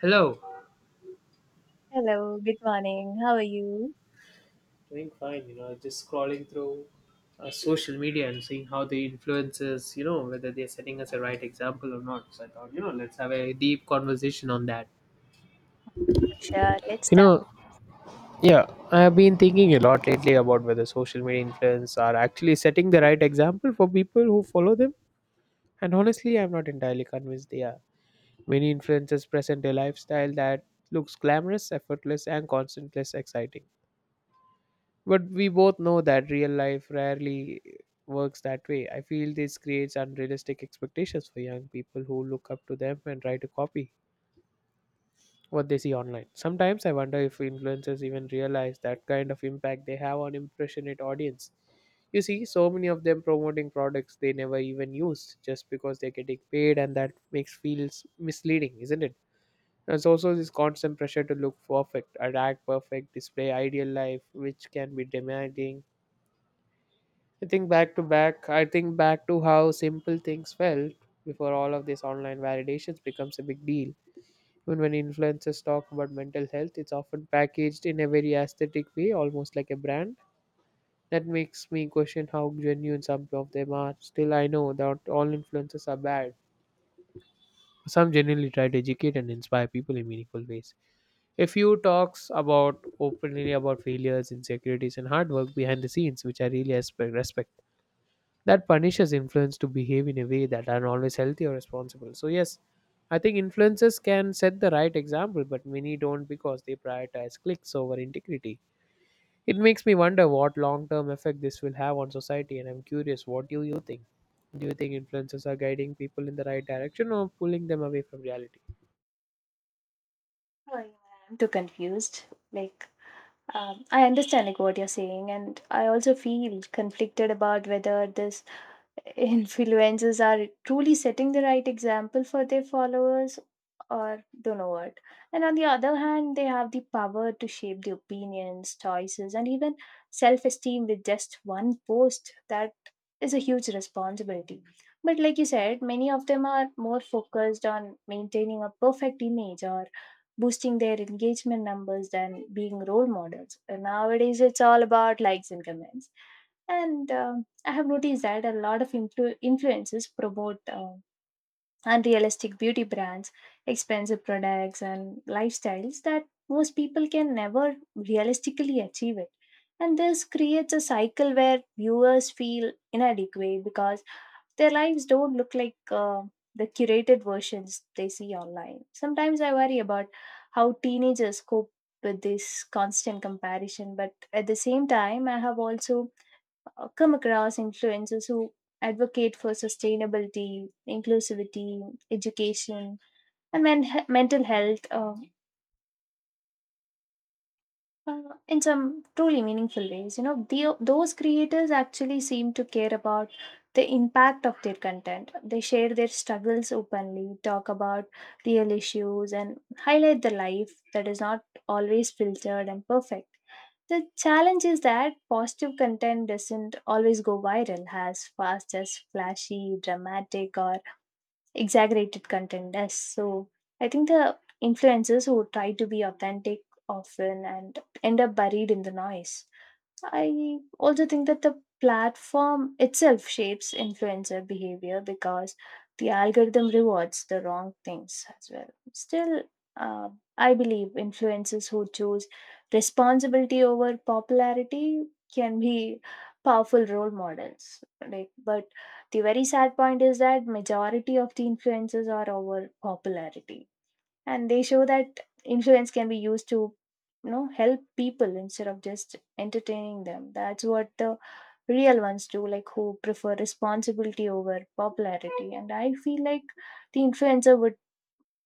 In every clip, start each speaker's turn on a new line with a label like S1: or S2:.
S1: Hello.
S2: Hello, good morning. How are you?
S1: Doing fine, just scrolling through social media and seeing how the influencers, whether they're setting us a right example or not. So I thought, let's have a deep conversation on that.
S2: Sure, let's
S1: You
S2: start.
S1: know, yeah, I have been thinking a lot lately about whether social media influencers are actually setting the right example for people who follow them. And honestly, I'm not entirely convinced they are. Many influencers present a lifestyle that looks glamorous, effortless, and constantly exciting. But we both know that real life rarely works that way. I feel this creates unrealistic expectations for young people who look up to them and try to copy what they see online. Sometimes I wonder if influencers even realize that kind of impact they have on impressionate audience. You see, so many of them promoting products they never even used just because they're getting paid, and that makes feels misleading, isn't it? There's also this constant pressure to look perfect, act perfect, display ideal life, which can be demanding. I think back to how simple things felt before all of this online validations becomes a big deal. Even when influencers talk about mental health, it's often packaged in a very aesthetic way, almost like a brand. That makes me question how genuine some of them are. Still, I know that all influencers are bad. Some genuinely try to educate and inspire people in meaningful ways. A few talks about openly about failures, insecurities, and hard work behind the scenes, which I really respect. That punishes influence to behave in a way that aren't always healthy or responsible. So yes, I think influencers can set the right example, but many don't because they prioritize clicks over integrity. It makes me wonder what long-term effect this will have on society, and I'm curious, what do you think? Do you think influencers are guiding people in the right direction or pulling them away from reality?
S2: Oh, yeah, I'm too confused. Like, I understand like what you're saying, and I also feel conflicted about whether this influencers are truly setting the right example for their followers or don't know what, and on the other hand they have the power to shape the opinions, choices, and even self-esteem with just one post. That is a huge responsibility, but like you said, many of them are more focused on maintaining a perfect image or boosting their engagement numbers than being role models. And nowadays it's all about likes and comments. And I have noticed that a lot of influencers promote unrealistic beauty brands, expensive products, and lifestyles that most people can never realistically achieve it. And this creates a cycle where viewers feel inadequate because their lives don't look like the curated versions they see online. Sometimes I worry about how teenagers cope with this constant comparison, but at the same time, I have also come across influencers who advocate for sustainability, inclusivity, education, and mental health. Uh, in some truly meaningful ways. You know, those creators actually seem to care about the impact of their content. They share their struggles openly, talk about real issues, and highlight the life that is not always filtered and perfect. The challenge is that positive content doesn't always go viral as fast as flashy, dramatic, or exaggerated content, yes. So I think the influencers who try to be authentic often and end up buried in the noise. I also think that the platform itself shapes influencer behavior because the algorithm rewards the wrong things as well. Still, uh, I believe influencers who choose responsibility over popularity can be powerful role models. Like, but the very sad point is that majority of the influencers are over popularity, and they show that influence can be used to, you know, help people instead of just entertaining them. That's what the real ones do, like, who prefer responsibility over popularity. And I feel like the influencer would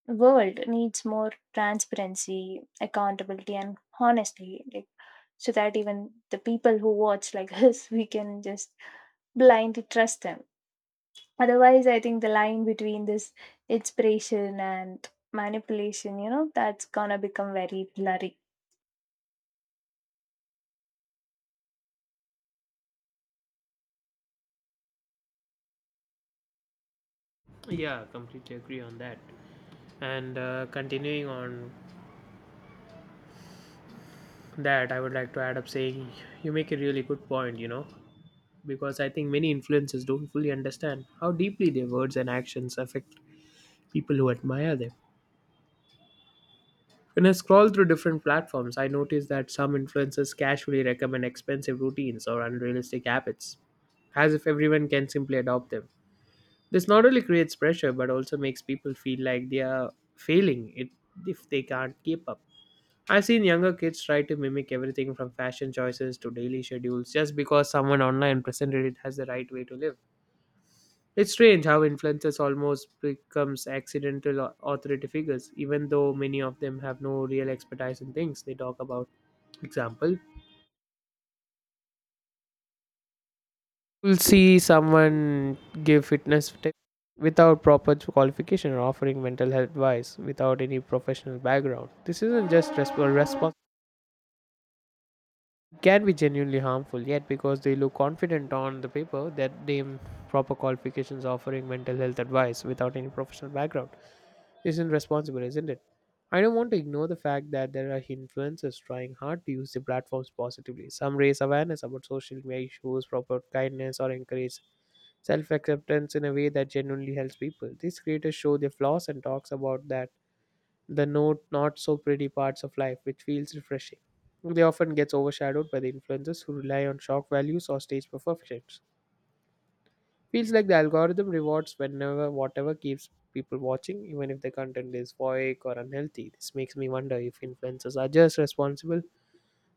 S2: world needs more transparency, accountability, and honestly, like, so that even the people who watch, like, us, we can just blindly trust them. Otherwise, I think the line between this inspiration and manipulation, you know, that's gonna become very blurry.
S1: Yeah, completely agree on that. And continuing on that, I would like to add up saying you make a really good point. Because I think many influencers don't fully understand how deeply their words and actions affect people who admire them. When I scroll through different platforms, I notice that some influencers casually recommend expensive routines or unrealistic habits, as if everyone can simply adopt them. This not only creates pressure but also makes people feel like they are failing it if they can't keep up. I've seen younger kids try to mimic everything from fashion choices to daily schedules just because someone online presented it as the right way to live. It's strange how influencers almost becomes accidental authority figures, even though many of them have no real expertise in things they talk about. Example, you'll see someone give fitness tips without proper qualification or offering mental health advice without any professional background. This isn't just a response. It can be genuinely harmful, yet because they look confident on the paper that they proper qualifications offering mental health advice without any professional background isn't responsible, isn't it? I don't want to ignore the fact that there are influencers trying hard to use the platforms positively. Some raise awareness about social media issues, promote kindness, or encourage self acceptance in a way that genuinely helps people. These creators show their flaws and talks about that the note not so pretty parts of life, which feels refreshing. They often gets overshadowed by the influencers who rely on shock values or stage perfections. Feels like the algorithm rewards whenever whatever keeps people watching, even if the content is voic or unhealthy. This makes me wonder if influencers are just responsible to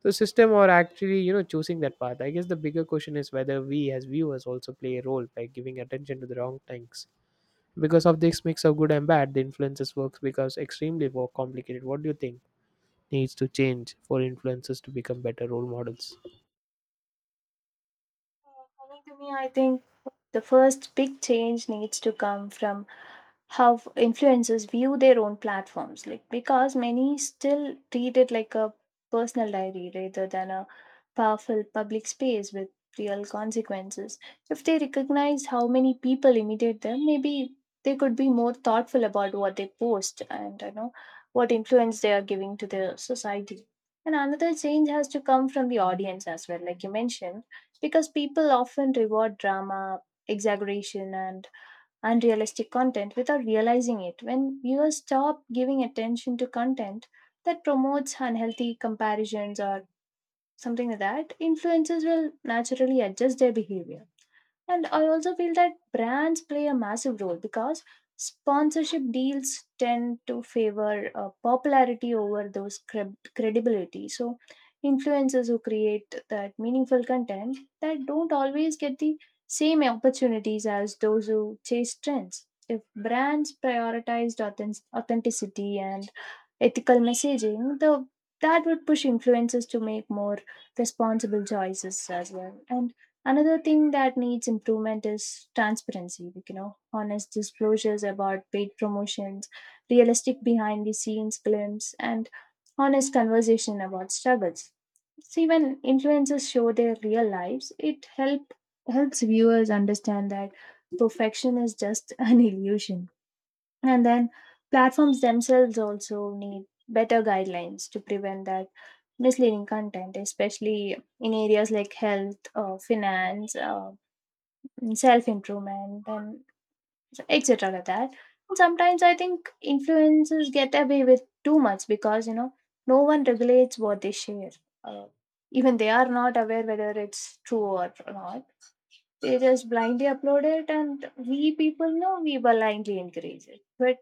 S1: the system or actually, choosing that path. I guess the bigger question is whether we as viewers also play a role by giving attention to the wrong things. Because of this mix of good and bad, the influencers works becomes extremely more complicated. What do you think needs to change for influencers to become better role models?
S2: Coming to me, I think the first big change needs to come from how influencers view their own platforms, like, because many still treat it like a personal diary rather than a powerful public space with real consequences. If they recognize how many people imitate them, maybe they could be more thoughtful about what they post and, you know, what influence they are giving to the society. And another change has to come from the audience as well, like you mentioned, because people often reward drama, exaggeration, and unrealistic content without realizing it. When viewers stop giving attention to content that promotes unhealthy comparisons or something like that, influencers will naturally adjust their behavior. And I also feel that brands play a massive role because sponsorship deals tend to favor popularity over those credibility. So, influencers who create that meaningful content that don't always get the same opportunities as those who chase trends. If brands prioritized authenticity and ethical messaging, the that would push influencers to make more responsible choices as well. And another thing that needs improvement is transparency, like, you know, honest disclosures about paid promotions, realistic behind the scenes glimpse, and honest conversation about struggles. See, when influencers show their real lives, it helps viewers understand that perfection is just an illusion. And then platforms themselves also need better guidelines to prevent that misleading content, especially in areas like health, finance, self improvement, and etc. Like that. And sometimes I think influencers get away with too much because, you know, no one regulates what they share. Uh, Even they are not aware whether it's true or not, they just blindly upload it, and we people know we blindly encourage it. But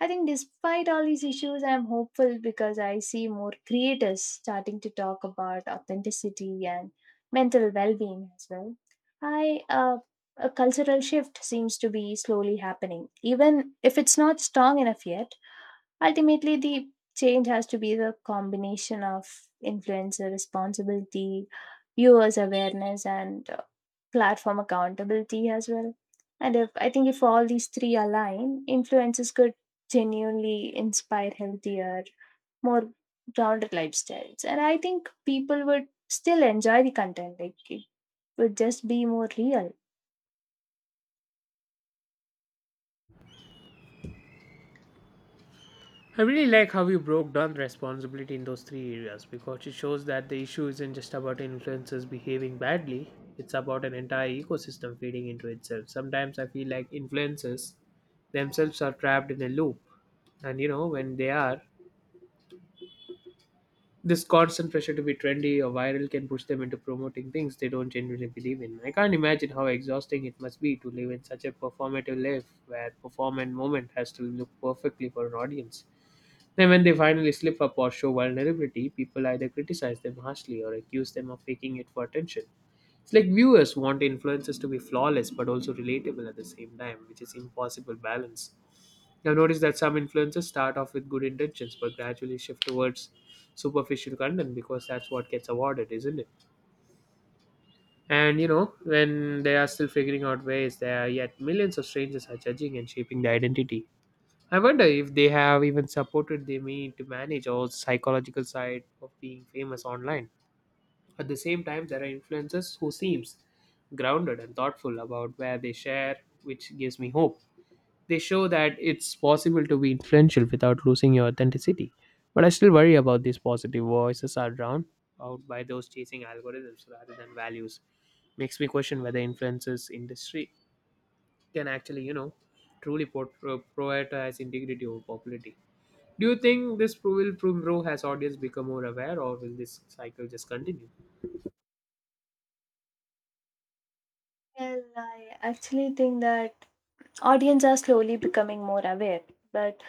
S2: I think despite all these issues, I'm hopeful because I see more creators starting to talk about authenticity and mental well being as well. I, uh, a cultural shift seems to be slowly happening. Even if it's not strong enough yet, ultimately the change has to be the combination of influencer responsibility, viewers' awareness, and platform accountability as well. And if I think if all these three align, influencers could genuinely inspire healthier, more grounded lifestyles. And I think people would still enjoy the content. Like it would just be more real.
S1: I really like how you broke down responsibility in those three areas because it shows that the issue isn't just about influencers behaving badly, it's about an entire ecosystem feeding into itself. Sometimes I feel like influencers themselves are trapped in a loop, and when they are, this constant pressure to be trendy or viral can push them into promoting things they don't genuinely believe in. I can't imagine how exhausting it must be to live in such a performative life where perform and moment has to look perfectly for an audience. Then, when they finally slip up or show vulnerability, people either criticize them harshly or accuse them of faking it for attention. It's like viewers want influencers to be flawless but also relatable at the same time, which is impossible balance. I've noticed that some influencers start off with good intentions but gradually shift towards superficial content because that's what gets awarded, isn't it? And when they are still figuring out ways, there are yet millions of strangers are judging and shaping their identity. I wonder if they have even supported they mean to manage or psychological side of being famous online. At the same time, there are influencers who seems grounded and thoughtful about where they share, which gives me hope. They show that it's possible to be influential without losing your authenticity. But I still worry about these positive voices are drowned out by those chasing algorithms rather than values. Makes me question whether influencers industry can actually truly prioritize integrity over popularity. Do you think this pro- will pro- has audience become more aware, or will this cycle just continue?
S2: Well, I actually think that audience are slowly becoming more aware, but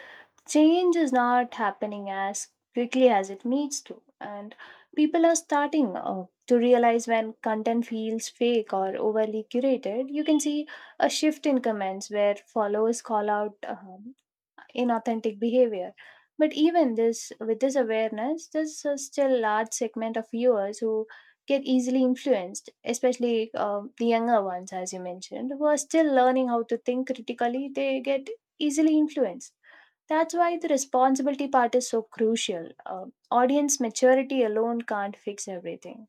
S2: change is not happening as quickly as it needs to, and people are starting to realize when content feels fake or overly curated. You can see a shift in comments where followers call out inauthentic behavior. But even this, with this awareness, there's a still large segment of viewers who get easily influenced, especially the younger ones, as you mentioned, who are still learning how to think critically. They get easily influenced. That's why the responsibility part is so crucial. Audience maturity alone can't fix everything.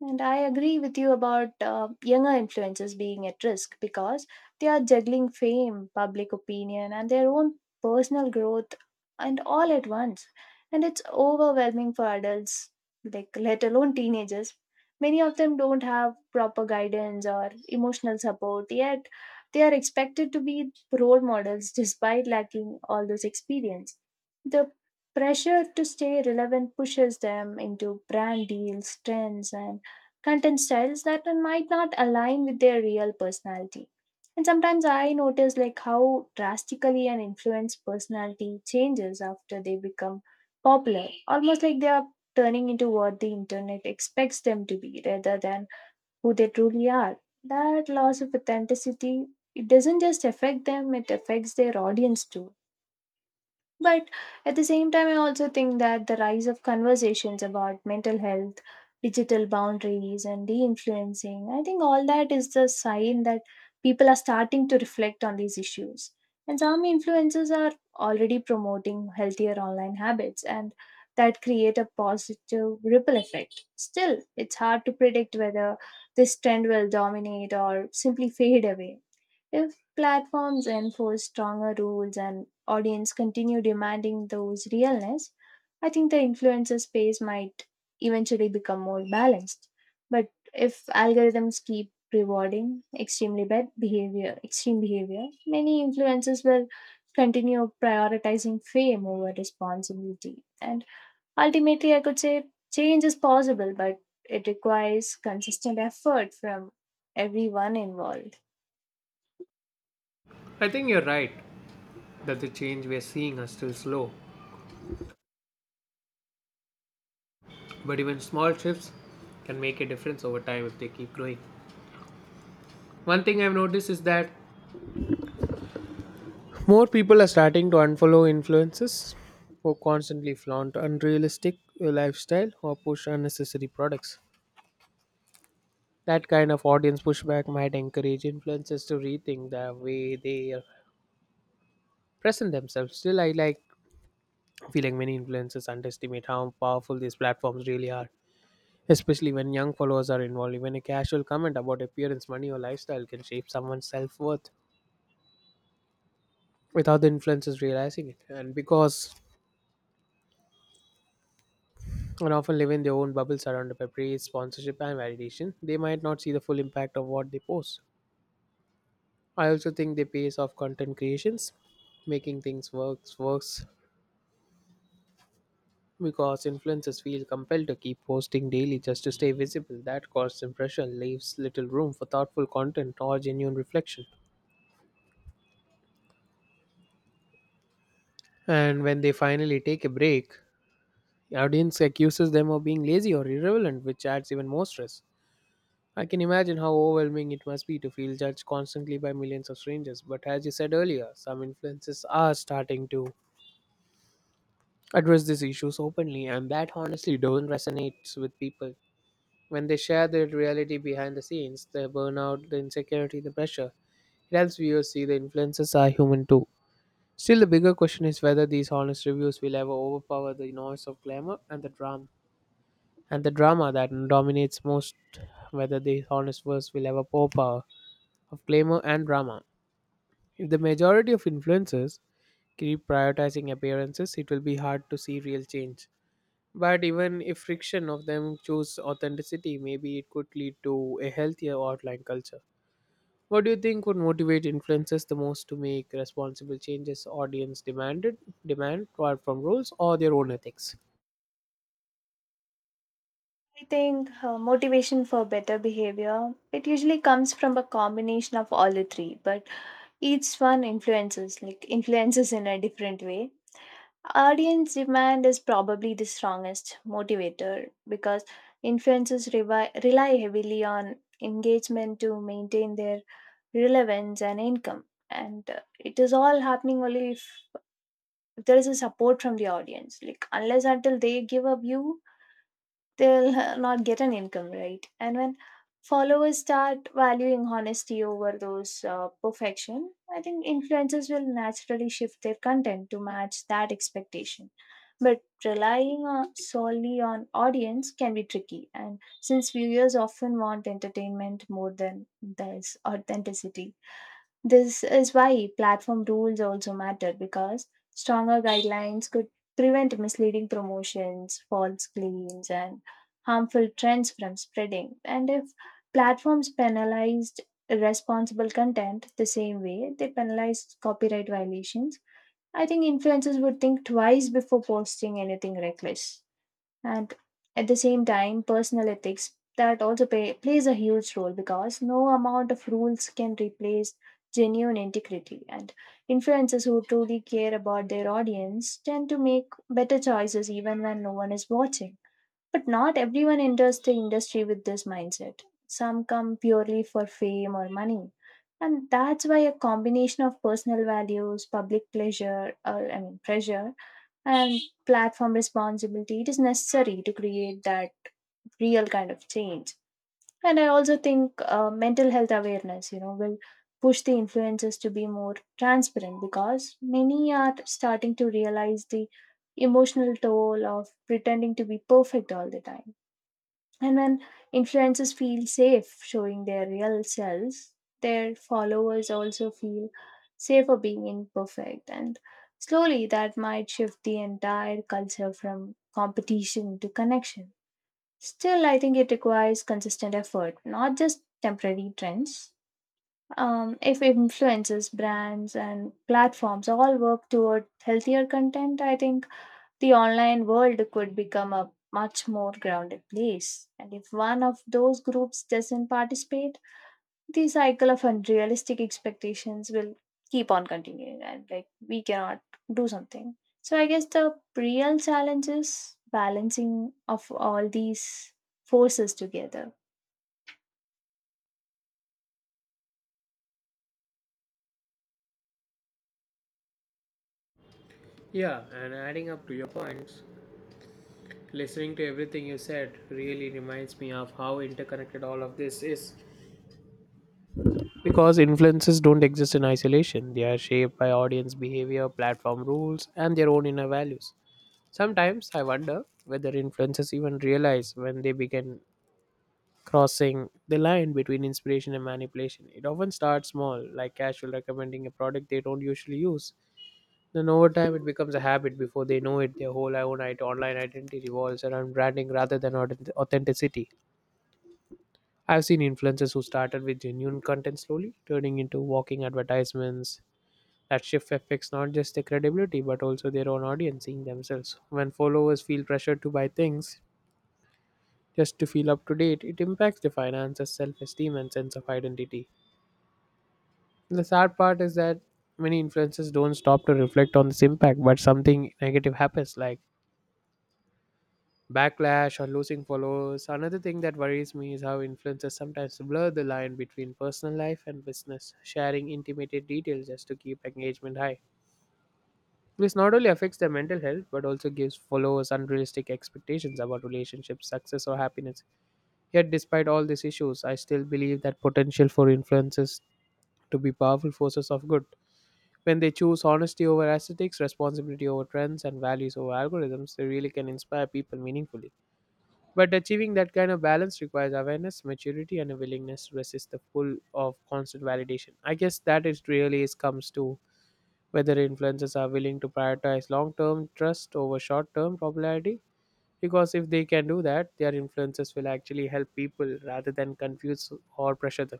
S2: And I agree with you about younger influencers being at risk because they are juggling fame, public opinion, and their own personal growth and all at once. And it's overwhelming for adults, like let alone teenagers. Many of them don't have proper guidance or emotional support, yet they are expected to be role models despite lacking all those experience. The pressure to stay relevant pushes them into brand deals, trends, and content styles that might not align with their real personality. And sometimes I notice, like, how drastically an influence personality changes after they become popular, almost like they are turning into what the internet expects them to be rather than who they truly are. That loss of authenticity, it doesn't just affect them, it affects their audience too. But at the same time, I also think that the rise of conversations about mental health, digital boundaries, and de influencing, I think all that is the sign that people are starting to reflect on these issues. And some influencers are already promoting healthier online habits, and that create a positive ripple effect. Still, it's hard to predict whether this trend will dominate or simply fade away. If platforms enforce stronger rules and audience continue demanding those realness, I think the influencer space might eventually become more balanced. But if algorithms keep rewarding extreme behavior, many influencers will continue prioritizing fame over responsibility. And ultimately, I could say change is possible, but it requires consistent effort from everyone involved.
S1: I think you're right that the change we're seeing are still slow, but even small shifts can make a difference over time if they keep growing. One thing I've noticed is that more people are starting to unfollow influencers who constantly flaunt unrealistic lifestyle or push unnecessary products. That kind of audience pushback might encourage influencers to rethink the way they present themselves. Still, I like feeling many influencers underestimate how powerful these platforms really are, especially when young followers are involved. Even a casual comment about appearance, money, or lifestyle can shape someone's self worth without the influencers realizing it. And because and often live in their own bubble surrounded by praise, sponsorship, and validation, they might not see the full impact of what they post. I also think they pace off content creations, making things works because influencers feel compelled to keep posting daily just to stay visible. That constant pressure leaves little room for thoughtful content or genuine reflection. And when they finally take a break, the audience accuses them of being lazy or irrelevant, which adds even more stress. I can imagine how overwhelming it must be to feel judged constantly by millions of strangers. But as you said earlier, some influencers are starting to address these issues openly, and that honestly don't resonate with people. When they share the reality behind the scenes, the burnout, the insecurity, the pressure, it helps viewers see the influencers are human too. Still, the bigger question is whether these honest reviews will ever overpower the noise of glamour and the drama that dominates most. Whether these honest words will ever overpower of glamour and drama. If the majority of influencers keep prioritizing appearances, it will be hard to see real change. But even if friction of them choose authenticity, maybe it could lead to a healthier outline culture. What do you think would motivate influencers the most to make responsible changes audience demand apart from rules or their own ethics?
S2: I think motivation for better behavior, it usually comes from a combination of all the three, but each one influences in a different way. Audience demand is probably the strongest motivator because influencers rely heavily on engagement to maintain their relevance and income. And it is all happening only if there is a support from the audience. Like, unless until they give a view, they'll not get an income, right? And when followers start valuing honesty over those perfection, I think influencers will naturally shift their content to match that expectation. But solely on audience can be tricky, and since viewers often want entertainment more than this authenticity, this is why platform rules also matter because stronger guidelines could prevent misleading promotions, false claims, and harmful trends from spreading. And if platforms penalized responsible content the same way they penalize copyright violations, I think influencers would think twice before posting anything reckless. And at the same time, personal ethics, that also plays a huge role because no amount of rules can replace genuine integrity, and influencers who truly care about their audience tend to make better choices even when no one is watching. But not everyone enters the industry with this mindset. Some come purely for fame or money, and that's why a combination of personal values, public pleasure or I mean pressure, and platform responsibility, it is necessary to create that real kind of change. And I also think mental health awareness, you know, will push the influencers to be more transparent because many are starting to realize the emotional toll of pretending to be perfect all the time. And when influencers feel safe showing their real selves, their followers also feel safer being imperfect. And slowly that might shift the entire culture from competition to connection. Still, I think it requires consistent effort, not just temporary trends. If influencers, brands, and platforms all work toward healthier content, I think the online world could become a much more grounded place. And if one of those groups doesn't participate, the cycle of unrealistic expectations will keep on continuing, and like we cannot do something. So I guess the real challenge is balancing of all these forces together.
S1: Yeah, and adding up to your points, listening to everything you said really reminds me of how interconnected all of this is. Because influences don't exist in isolation, they are shaped by audience behavior, platform rules, and their own inner values. Sometimes I wonder whether influencers even realize when they begin crossing the line between inspiration and manipulation. It often starts small, like casual recommending a product they don't usually use. Then over time, it becomes a habit. Before they know it, their whole own online identity revolves around branding rather than authenticity. I've seen influencers who started with genuine content slowly turning into walking advertisements. That shift affects not just their credibility but also their own audience seeing themselves. When followers feel pressured to buy things just to feel up to date. It impacts the finances, self esteem, and sense of identity. The sad part is that many influencers don't stop to reflect on this impact, but something negative happens, like backlash or losing followers. Another thing that worries me is how influencers sometimes blur the line between personal life and business, sharing intimate details just to keep engagement high. This not only affects their mental health but also gives followers unrealistic expectations about relationships, success, or happiness. Yet, despite all these issues, I still believe that potential for influences to be powerful forces of good. When they choose honesty over aesthetics, responsibility over trends, and values over algorithms, they really can inspire people meaningfully. But achieving that kind of balance requires awareness, maturity, and a willingness to resist the pull of constant validation. I guess that it really is comes to whether influencers are willing to prioritize long-term trust over short-term popularity, because if they can do that, their influences will actually help people rather than confuse or pressure them.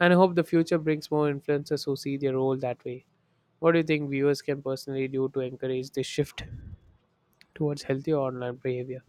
S1: And I hope the future brings more influencers who see their role that way. What do you think viewers can personally do to encourage this shift towards healthier online behavior?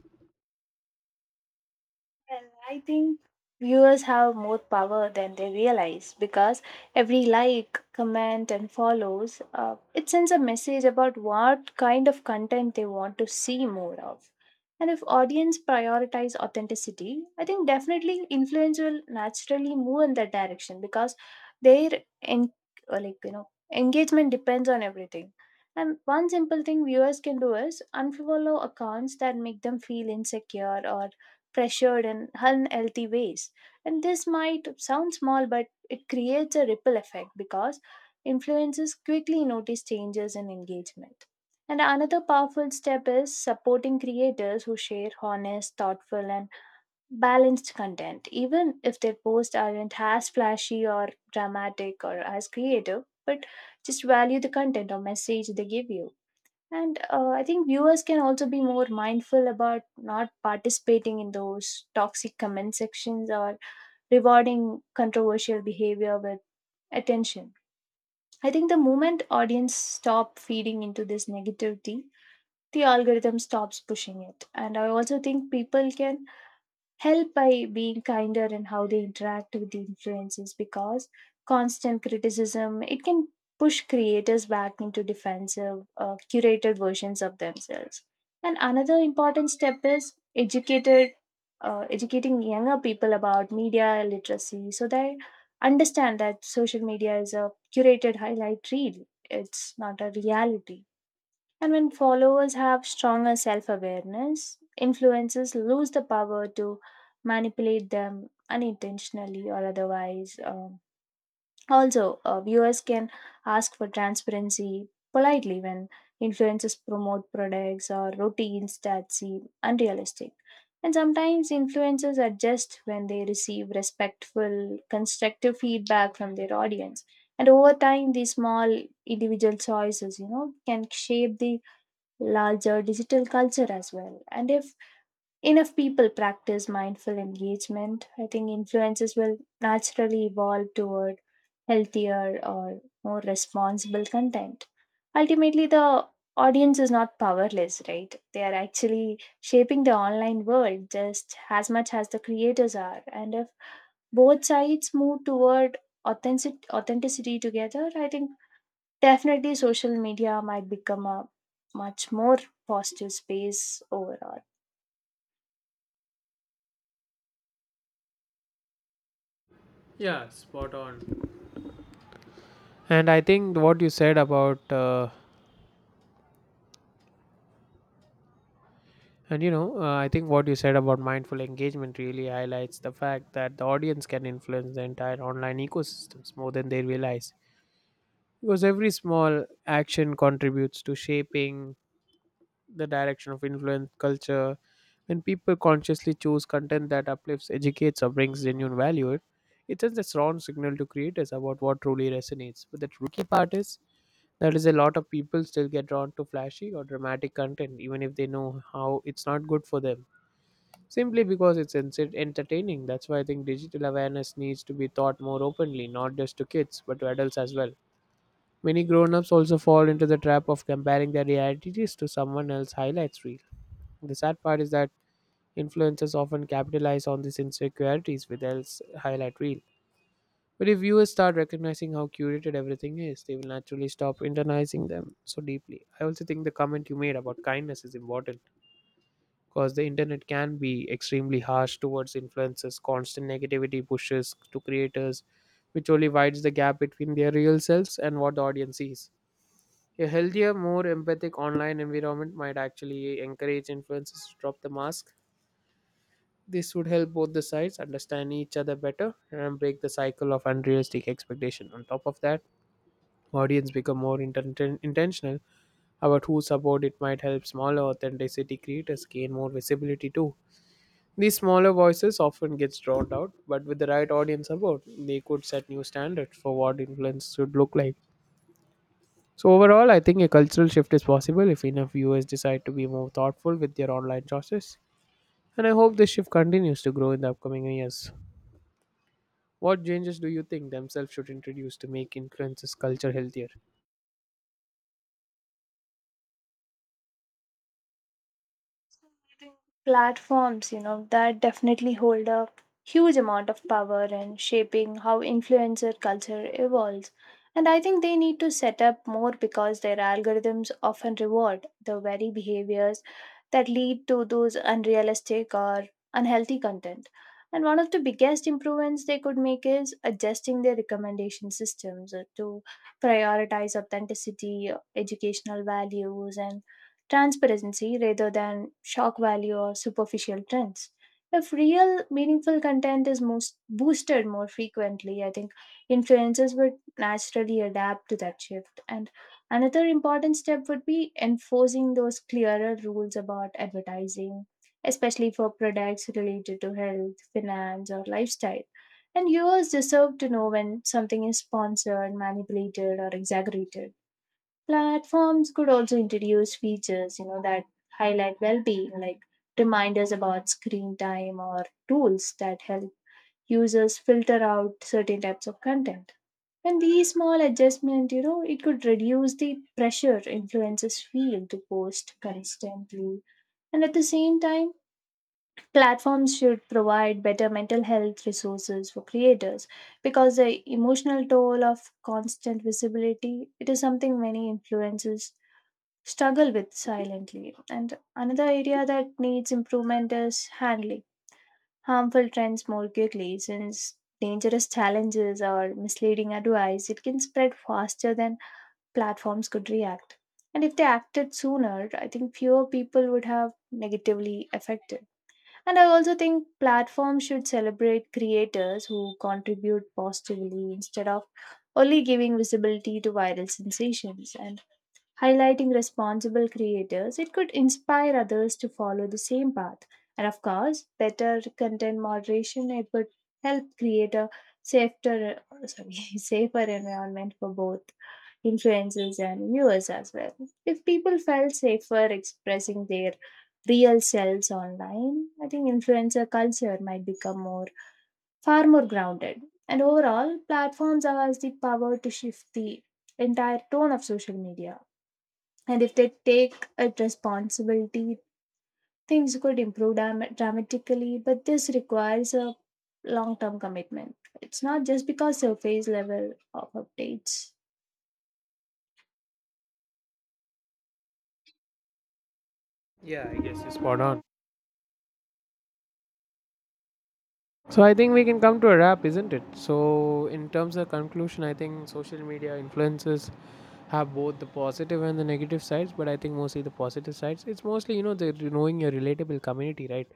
S2: And I think viewers have more power than they realize, because every like, comment, and follows, it sends a message about what kind of content they want to see more of. And if audience prioritize authenticity, I think definitely influence will naturally move in that direction, because their en- or like you know engagement depends on everything. And one simple thing viewers can do is unfollow accounts that make them feel insecure or pressured in unhealthy ways. And this might sound small, but it creates a ripple effect, because influencers quickly notice changes in engagement. And another powerful step is supporting creators who share honest, thoughtful, and balanced content. Even if their posts aren't as flashy or dramatic or as creative, but just value the content or message they give you. And I think viewers can also be more mindful about not participating in those toxic comment sections or rewarding controversial behavior with attention. I think the moment audience stop feeding into this negativity, the algorithm stops pushing it. And I also think people can help by being kinder in how they interact with the influences, because constant criticism it can push creators back into defensive curated versions of themselves. And another important step is educated educating younger people about media literacy, so they understand that social media is a curated highlight reel, it's not a reality. And when followers have stronger self awareness, influencers lose the power to manipulate them unintentionally or otherwise. Also, viewers can ask for transparency politely when influencers promote products or routines that seem unrealistic. And sometimes influencers adjust when they receive respectful, constructive feedback from their audience. And over time, these small individual choices can shape the larger digital culture as well. And if enough people practice mindful engagement, I think influences will naturally evolve toward healthier or more responsible content. Ultimately, the audience is not powerless, right? They are actually shaping the online world just as much as the creators are. And if both sides move toward authenticity together, I think definitely social media might become a much more positive space overall.
S1: Yeah, spot on. And I think what you said about and you know I think what you said about mindful engagement really highlights the fact that the audience can influence the entire online ecosystems more than they realize. Because every small action contributes to shaping the direction of influence culture. When people consciously choose content that uplifts, educates, or brings genuine value, it sends a strong signal to creators about what truly resonates. But the tricky part is that is a lot of people still get drawn to flashy or dramatic content, even if they know how it's not good for them. Simply because it's entertaining. That's why I think digital awareness needs to be taught more openly, not just to kids, but to adults as well. Many grown-ups also fall into the trap of comparing their realities to someone else's highlights reel. The sad part is that influencers often capitalize on these insecurities with else highlight reel. But if viewers start recognizing how curated everything is, they will naturally stop internalizing them so deeply. I also think the comment you made about kindness is important, because the internet can be extremely harsh towards influencers. Constant negativity pushes to creators, which only widens the gap between their real selves and what the audience sees. A healthier, more empathic online environment might actually encourage influencers to drop the mask. This would help both the sides understand each other better and break the cycle of unrealistic expectation. On top of that, audience become more intentional about who support it might help smaller authenticity creators gain more visibility too. These smaller voices often gets drowned out, but with the right audience support, they could set new standards for what influence should look like. So overall, I think a cultural shift is possible if enough viewers decide to be more thoughtful with their online choices. And I hope this shift continues to grow in the upcoming years. What changes do you think themselves should introduce to make influencers culture healthier?
S2: Platforms, that definitely hold a huge amount of power in shaping how influencer culture evolves. And I think they need to set up more, because their algorithms often reward the very behaviors that lead to those unrealistic or unhealthy content. And one of the biggest improvements they could make is adjusting their recommendation systems, to prioritize authenticity, educational values, and transparency rather than shock value or superficial trends. If real meaningful content is most boosted more frequently, I think influencers would naturally adapt to that shift. And another important step would be enforcing those clearer rules about advertising, especially for products related to health, finance, or lifestyle. And viewers deserve to know when something is sponsored, manipulated, or exaggerated. Platforms could also introduce features that highlight well-being, like reminders about screen time or tools that help users filter out certain types of content. And these small adjustments, it could reduce the pressure influencers feel to post constantly. And at the same time, platforms should provide better mental health resources for creators, because the emotional toll of constant visibility it is something many influencers struggle with silently. And another area that needs improvement is handling harmful trends more quickly, since dangerous challenges or misleading advice it can spread faster than platforms could react. And if they acted sooner, I think fewer people would have negatively affected. And I also think platforms should celebrate creators who contribute positively, instead of only giving visibility to viral sensations. And highlighting responsible creators, it could inspire others to follow the same path. And of course, better content moderation, it would help create a safer, sorry, safer environment for both influencers and viewers as well. If people felt safer expressing their real selves online, I think influencer culture might become more far more grounded. And overall, platforms have the power to shift the entire tone of social media. And if they take it responsibility, things could improve dramatically. But this requires a long term commitment. It's not just because surface level of updates.
S1: Yeah, I guess you're spot on. So I think we can come to a wrap, isn't it? So in terms of conclusion, I think social media influences have both the positive and the negative sides, but I think mostly the positive sides. It's mostly the knowing your relatable community, right?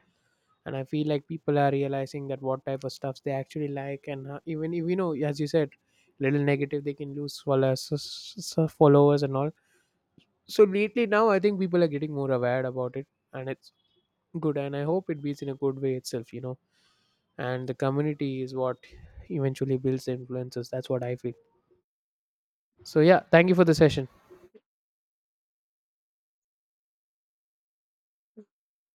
S1: And I feel like people are realizing that what type of stuffs they actually like, and even if as you said little negative they can lose followers followers and all. So lately now I think people are getting more aware about it, and it's good. And I hope it builds in a good way itself, and the community is what eventually builds the influences, that's what I feel. So yeah, thank you for the session.